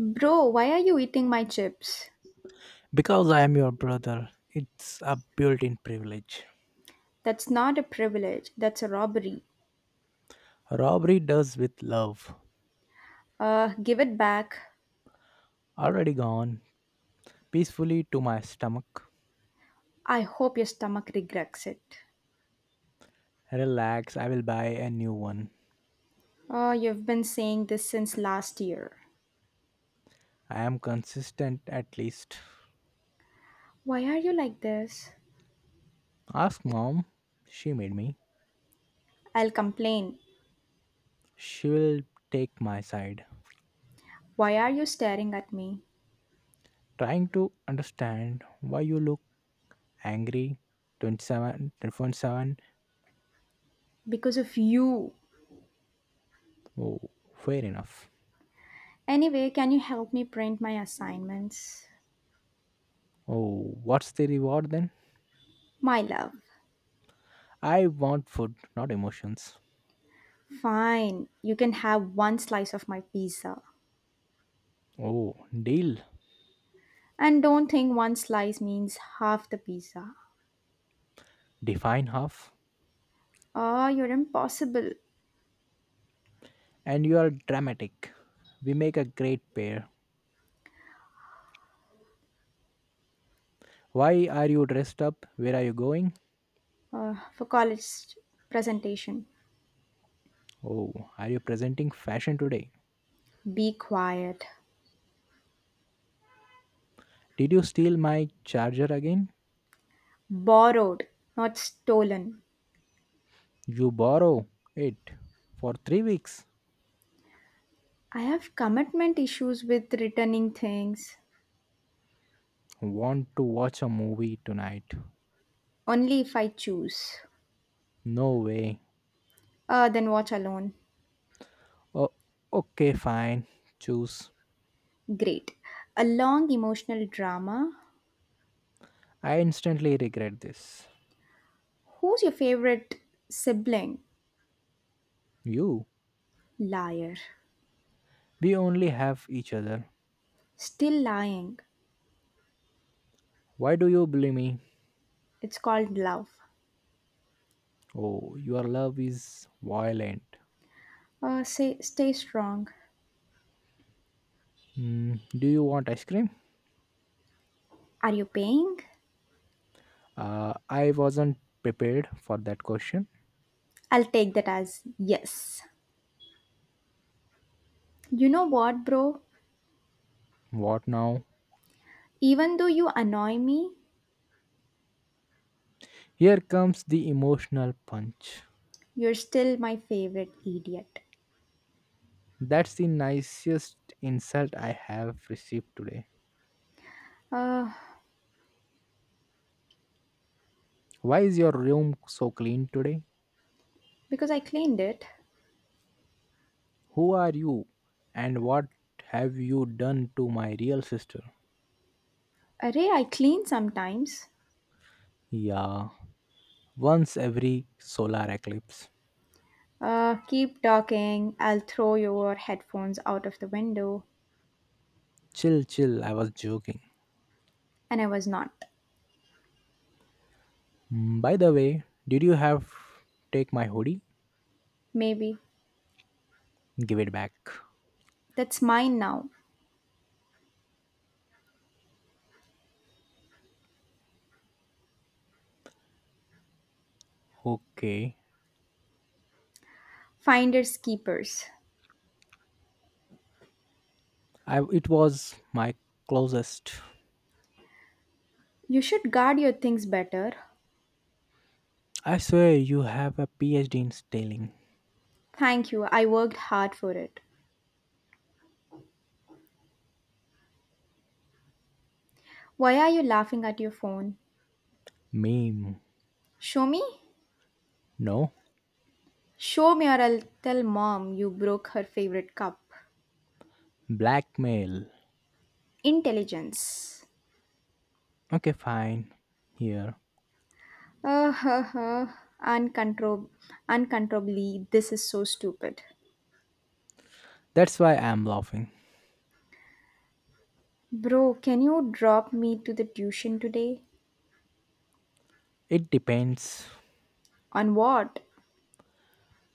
Bro, why are you eating my chips? Because I am your brother, it's a built in privilege. That's not a privilege, that's a robbery. Robbery does with love. Give it back. Already gone, peacefully to my stomach. I hope your stomach regrets it. Relax, I will buy a new one. Oh, you've been saying this since last year. I am consistent at least. Why are you like this? Ask mom, she made me. I'll complain. She will take my side. Why are you staring at me? Trying to understand why you look angry. 27, 27. Because of you. Oh, fair enough. Anyway, can you help me print my assignments? Oh, what's the reward then? My love. I want food not emotions. Fine, you can have one slice of my pizza. Oh, deal. And don't think one slice means half the pizza. Define half. Oh, you're impossible And you are dramatic. We make a great pair. Why are you dressed up? Where are you going? uh, for college presentation. Oh, are you presenting fashion today? Be quiet. Did you steal my charger again? Borrowed, not stolen. You borrow it for 3 weeks. I have commitment issues with returning things. Want to watch a movie tonight? Only if I choose. No way. Then watch alone. Oh, okay, fine. Choose. Great. A long emotional drama. I instantly regret this. Who's your favorite sibling? You. Liar. We only have each other. Still lying. Why do you bully me? It's called love. Oh, your love is violent. Say, stay strong. Mm, do you want ice cream? Are you paying? I wasn't prepared for that question. I'll take that as yes. You know what, bro? What now? Even though you annoy me, Here comes the emotional punch. you're still my favorite idiot. That's the nicest insult I have received today. Uh, Why is your room so clean today? because I cleaned it. Who are you? And what have you done to my real sister? Array, I clean sometimes. Yeah, once every solar eclipse. Keep talking. I'll throw your headphones out of the window. Chill, chill, I was joking. And I was not. Mm, by the way, did you have take my hoodie? Maybe. Give it back. That's mine now. Okay. Finders keepers. It was my closest. You should guard your things better. I swear you have a PhD in stealing. Thank you. I worked hard for it. Why are you laughing at your phone? Meme. Show me? No. Show me or I'll tell mom you broke her favorite cup. Blackmail. Intelligence. Okay, fine. Here. Uh, huh, huh. Uncontrol- Uncontrollably, this is so stupid. That's why I'm laughing. Bro, can you drop me to the tuition today? It depends. On what?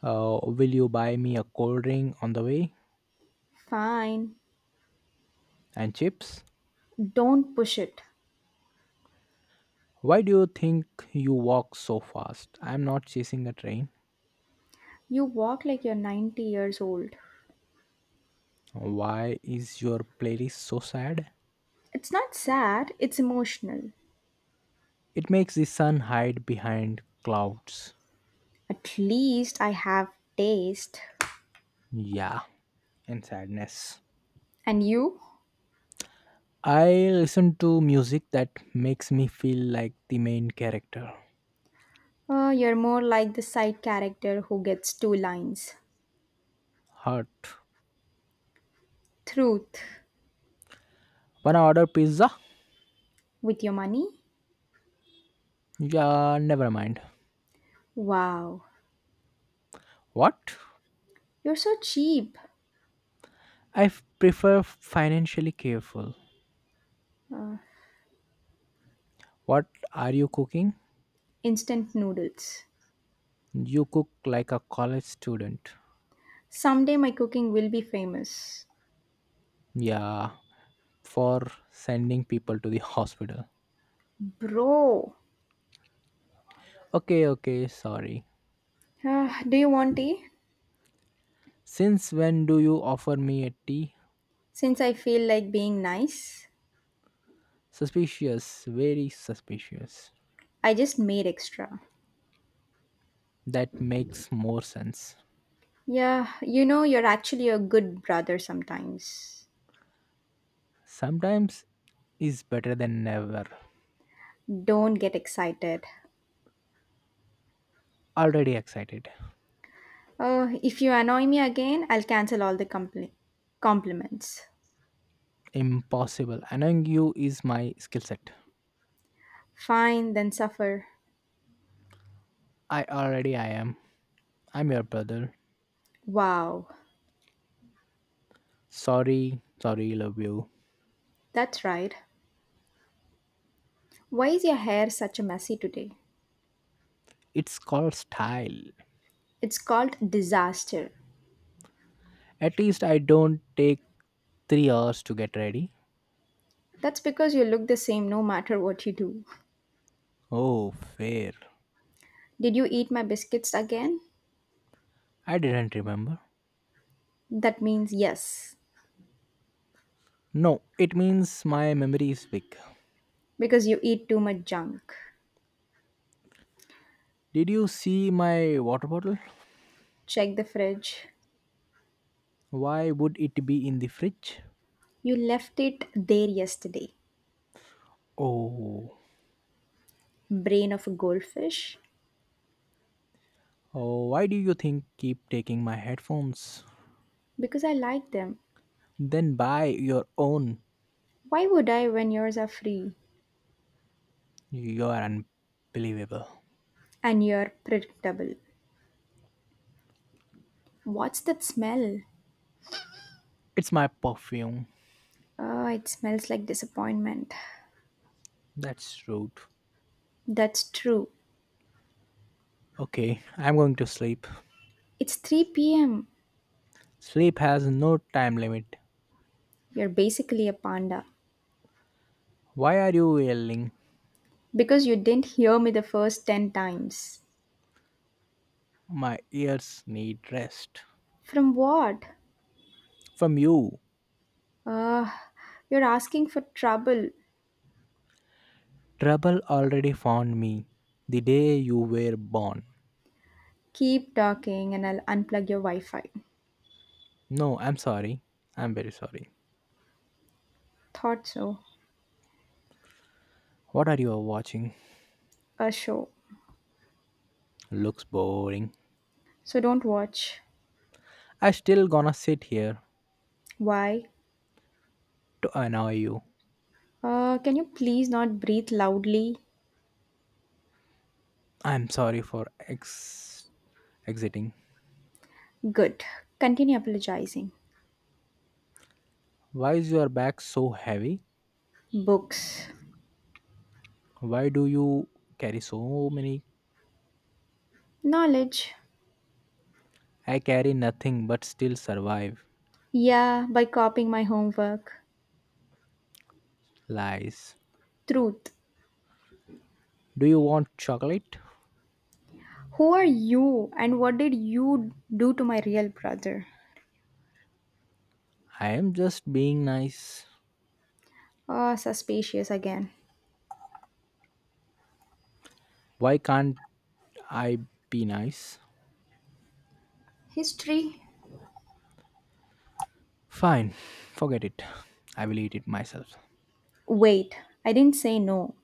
Will you buy me a cold drink on the way? Fine. And chips? Don't push it. Why do you think you walk so fast? I'm not chasing a train. You walk like you're 90 years old. Why is your playlist so sad? It's not sad, it's emotional. It makes the sun hide behind clouds. At least I have taste. Yeah, and sadness. And you? I listen to music that makes me feel like the main character. You're more like the side character who gets two lines. Hurt. Truth. Wanna order pizza? With your money? Yeah, never mind. Wow. What? You're so cheap. Prefer financially careful. What are you cooking? Instant noodles. You cook like a college student. Someday my cooking will be famous. Yeah, for sending people to the hospital. Bro, Okay, okay, sorry. ah, do you want tea? Since when do you offer me a tea? Since I feel like being nice, Suspicious, very suspicious. I just made extra. That makes more sense. Yeah, you know, you're actually a good brother sometimes. Sometimes is better than never. Don't get excited. Already excited. If you annoy me again, I'll cancel all the compliments. Impossible. Annoying you is my skill set. Fine, then suffer. I already I am. I'm your brother. Wow, Sorry, sorry, love you. that's right. Why is your hair such a messy today? It's called style. It's called disaster. At least I don't take 3 hours to get ready. That's because you look the same no matter what you do. Oh, fair. Did you eat my biscuits again? I didn't remember. That means yes, No, it means my memory is weak. because you eat too much junk. Did you see my water bottle? Check the fridge. Why would it be in the fridge? You left it there yesterday. Oh. Brain of a goldfish? Oh, why do you think keep taking my headphones? Because I like them. Then buy your own. Why would I when yours are free You are unbelievable. and you're predictable? What's that smell? It's my perfume. Oh, it smells like disappointment. That's rude. That's true. Okay, I'm going to sleep. It's 3 pm. Sleep has no time limit. You're basically a panda Why are you yelling? because you didn't hear me the first 10 times. My ears need rest. From what? From you. Uh, you're asking for trouble. Trouble already found me the day you were born. Keep talking and I'll unplug your Wi Fi. No, I'm sorry. I'm very sorry. Thought so. What are you watching? A show. Looks boring. So don't watch. I still gonna sit here Why? to annoy you. Can you please not breathe loudly? I'm sorry for exiting. Good. Continue apologizing. Why is your bag so heavy? Books. Why do you carry so many? Knowledge. I carry nothing but still survive. Yeah, by copying my homework. Lies. Truth. Do you want chocolate? Who are you and what did you do to my real brother? I am just being nice. Ah, suspicious again. Why can't I be nice? History. Fine, forget it. I will eat it myself. Wait, I didn't say no.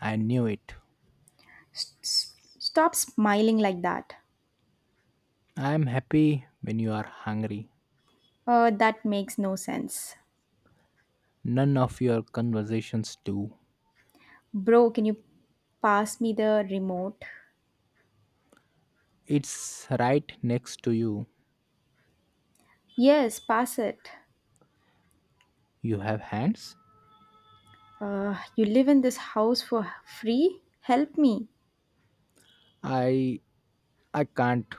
I knew it. Stop smiling like that. I am happy when you are hungry. That makes no sense. None of your conversations do. Bro, can you pass me the remote? It's right next to you. Yes, pass it. You have hands? You live in this house for free? Help me. I I can't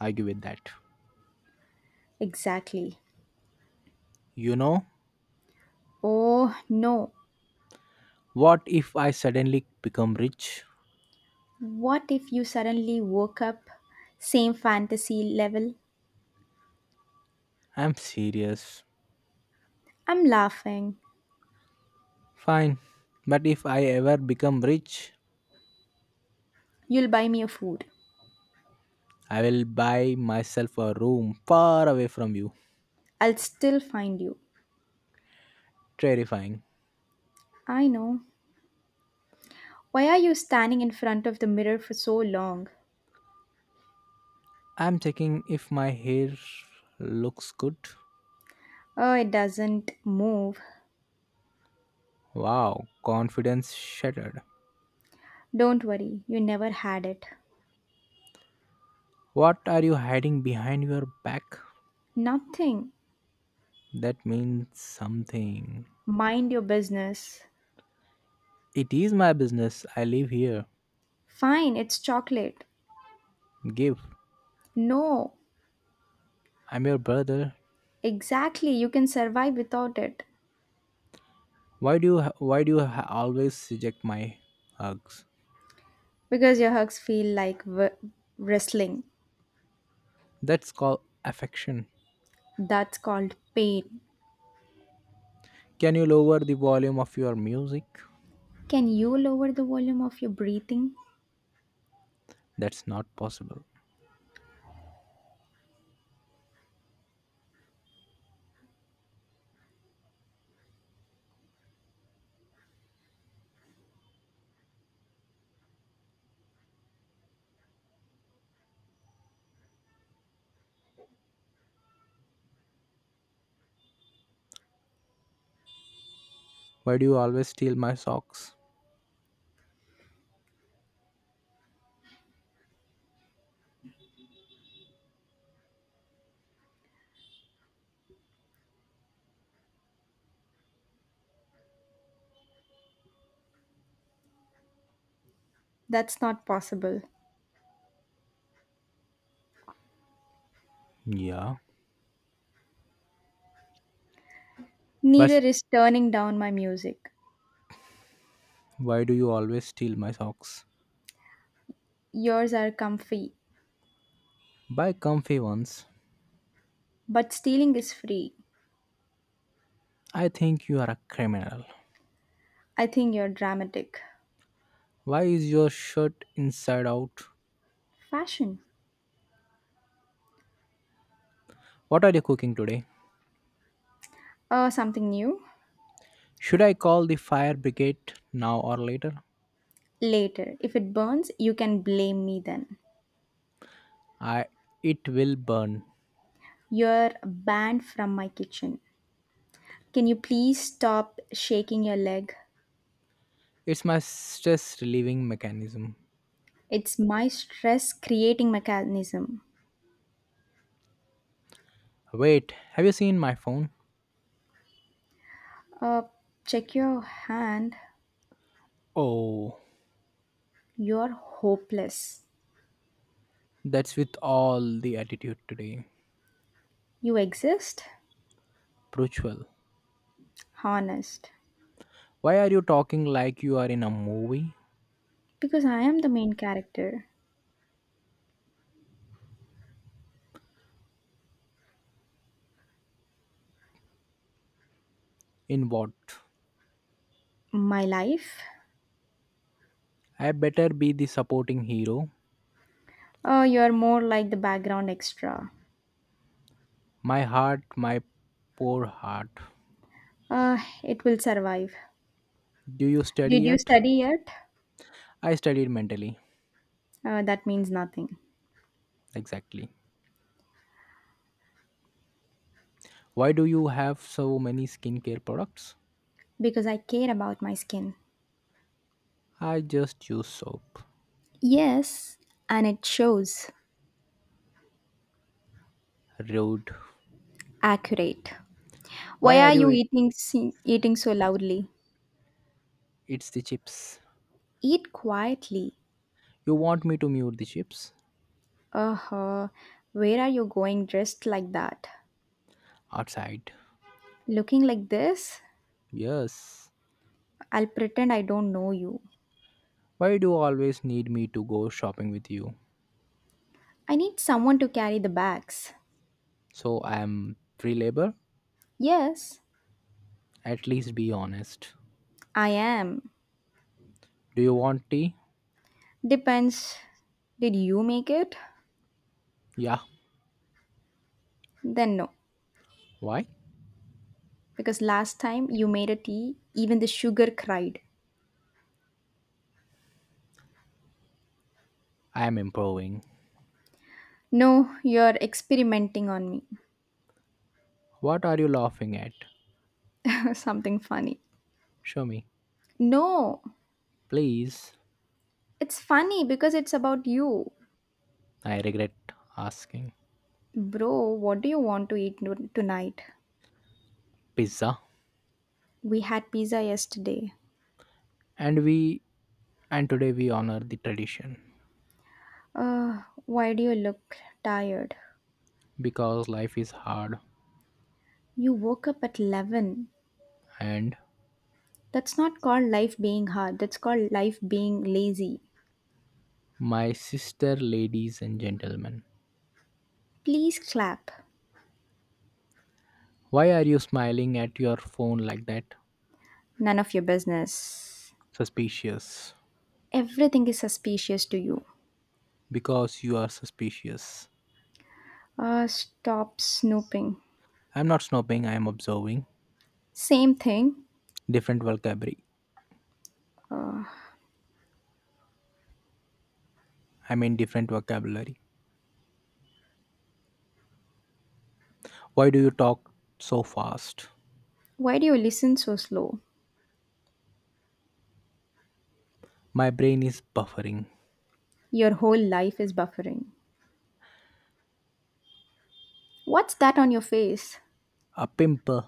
argue with that. Exactly. You know, Oh no. what if I suddenly become rich? What if you suddenly woke up? Same fantasy level? I'm serious. I'm laughing. Fine. But if I ever become rich, You'll buy me a food. I will buy myself a room far away from you. I'll still find you. Terrifying. I know. Why are you standing in front of the mirror for so long? I'm checking if my hair looks good. Oh, it doesn't move. Wow, confidence shattered. Don't worry, you never had it. What are you hiding behind your back? Nothing. That means something. Mind your business. It is my business. I live here. Fine, it's chocolate. Give. No, I'm your brother. exactly, you can survive without it. Why do you always reject my hugs? Because your hugs feel like wrestling. That's called affection. That's called pain. Can you lower the volume of your music? Can you lower the volume of your breathing? That's not possible. Why do you always steal my socks? That's not possible. Yeah, but Neither is turning down my music. why do you always steal my socks? Yours are comfy, Buy comfy ones. but stealing is free. I think you are a criminal. I think you're dramatic. Why is your shirt inside out? Fashion. What are you cooking today? Something new? Should I call the fire brigade now or later? Later. If it burns, you can blame me then. I it will burn. You're banned from my kitchen. Can you please stop shaking your leg? It's my stress relieving mechanism. It's my stress creating mechanism. Wait, have you seen my phone? Uh, Check your hand. Oh, You're hopeless. that's with all the attitude today. You exist? Pruchwal, Honest. why are you talking like you are in a movie? Because I am the main character. In what? My life? I better be the supporting hero. You're more like the background extra. My heart, my poor heart. Uh, it will survive. Do you study Did you yet? study yet? I studied mentally. That means nothing. Exactly. Why do you have so many skincare products? Because I care about my skin. I just use soap. Yes, and it shows. Rude. Accurate. Why Why are are you? you It, eating so loudly? it's the chips. Eat quietly. You want me to mute the chips? Uh-huh. Where are you going dressed like that? Outside. Looking like this? Yes. I'll pretend I don't know you. Why do you always need me to go shopping with you? I need someone to carry the bags. So I am free labor? Yes, At least be honest. I am. Do you want tea? Depends. Did you make it? Yeah. Then no. Why? Because last time you made a tea, even the sugar cried. I am improving. No, you're experimenting on me. What are you laughing at? Something funny. Show me. No, Please. it's funny because it's about you. I regret asking. Bro, what do you want to eat no- tonight? Pizza. We had pizza yesterday. And we and today we honor the tradition Why do you look tired? because life is hard You woke up at 11. and That's not called life being hard, that's called life being lazy. my sister ladies and gentlemen. Please clap. Why are you smiling at your phone like that? None of your business. Suspicious. Everything is suspicious to you. Because you are suspicious. Stop snooping. I'm not snooping, I am observing. Same thing. Different vocabulary. Different vocabulary. Why do you talk so fast? Why do you listen so slow? My brain is buffering. Your whole life is buffering. What's that on your face? A pimple.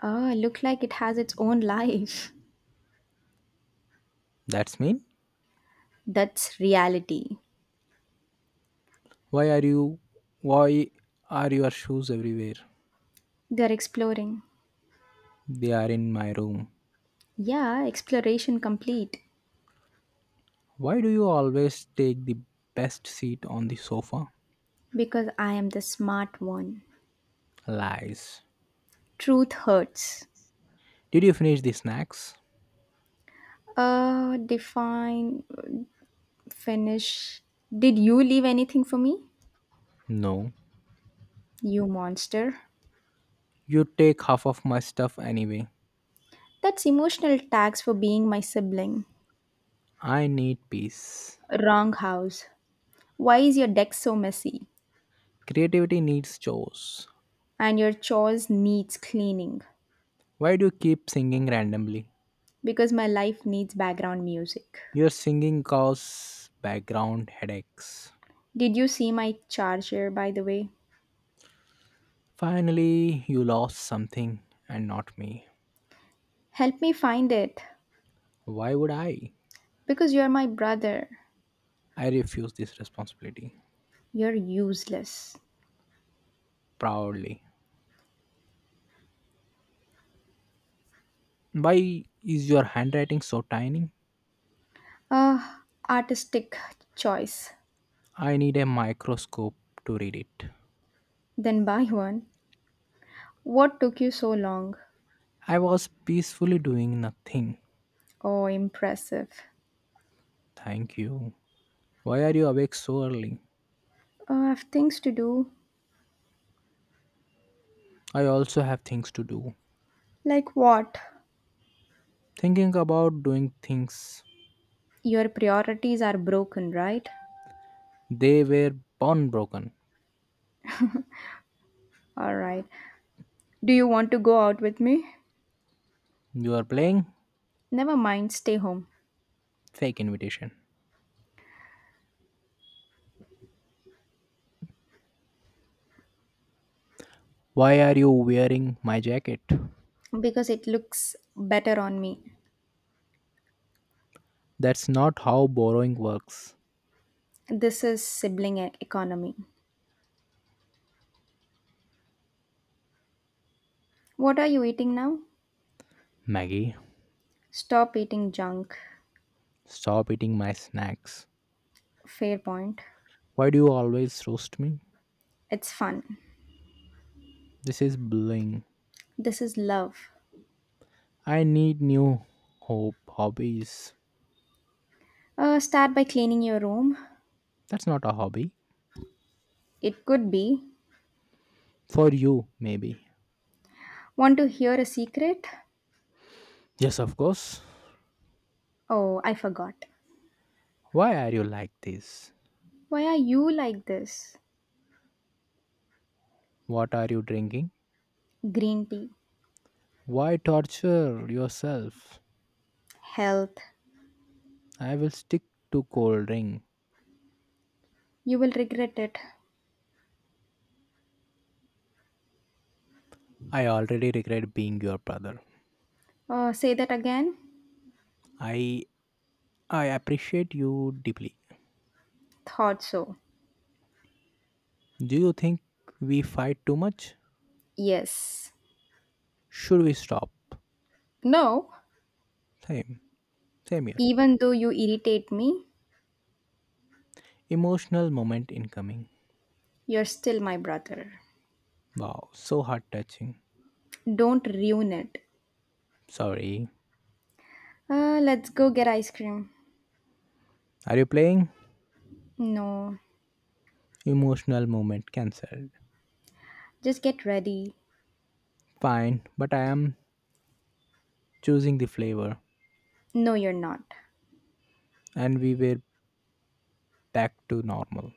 Ah, look like it has its own life. That's mean. That's reality. Why are you. Why are your shoes everywhere? They're exploring. They are in my room. Yeah, exploration complete. Why do you always take the best seat on the sofa? Because I am the smart one. Lies. Truth hurts. Did you finish the snacks? Define, finish. Did you leave anything for me? No. You monster. You take half of my stuff anyway. That's emotional tax for being my sibling. I need peace. Wrong house. Why is your deck so messy? Creativity needs chores. And your chores needs cleaning Why do you keep singing randomly? because my life needs background music. Your singing causes background headaches. Did you see my charger by the way? Finally, you lost something and not me. Help me find it Why would I? because you're my brother. I refuse this responsibility You're useless. proudly. Why is your handwriting so tiny? Ah, artistic choice. I need a microscope to read it. Then buy one. What took you so long? I was peacefully doing nothing. Oh, impressive. Thank you. Why are you awake so early? I have things to do. I also have things to do. Like what? Thinking about doing things, Your priorities are broken, right? they were born broken. All right. Do you want to go out with me? You are playing. Never mind, stay home. Fake invitation. Why are you wearing my jacket? Because it looks better on me. That's not how borrowing works. This is economy. What are you eating now? Maggie, Stop eating junk. stop eating my snacks. Fair point. Why do you always roast me? It's fun. This is bullying. This is love. I need new hope hobbies. Start by cleaning your room. That's not a hobby. It could be. For you, maybe. Want to hear a secret? Yes, of course. Oh, I forgot. Why are you like this? Why are you like this? What are you drinking? Green tea. Why torture yourself? Health. I will stick to cold drink. You will regret it. I already regret being your brother. Say that again? I I appreciate you deeply. Thought so. Do you think we fight too much? Yes. Should we stop? No. Same, same here. Even though you irritate me, Emotional moment incoming. you're still my brother. Wow, so heart touching. Don't ruin it. Sorry. Let's go get ice cream. Are you playing? No, Emotional moment cancelled. just get ready. Fine, but I am choosing the flavor No, you're not. and we were back to normal.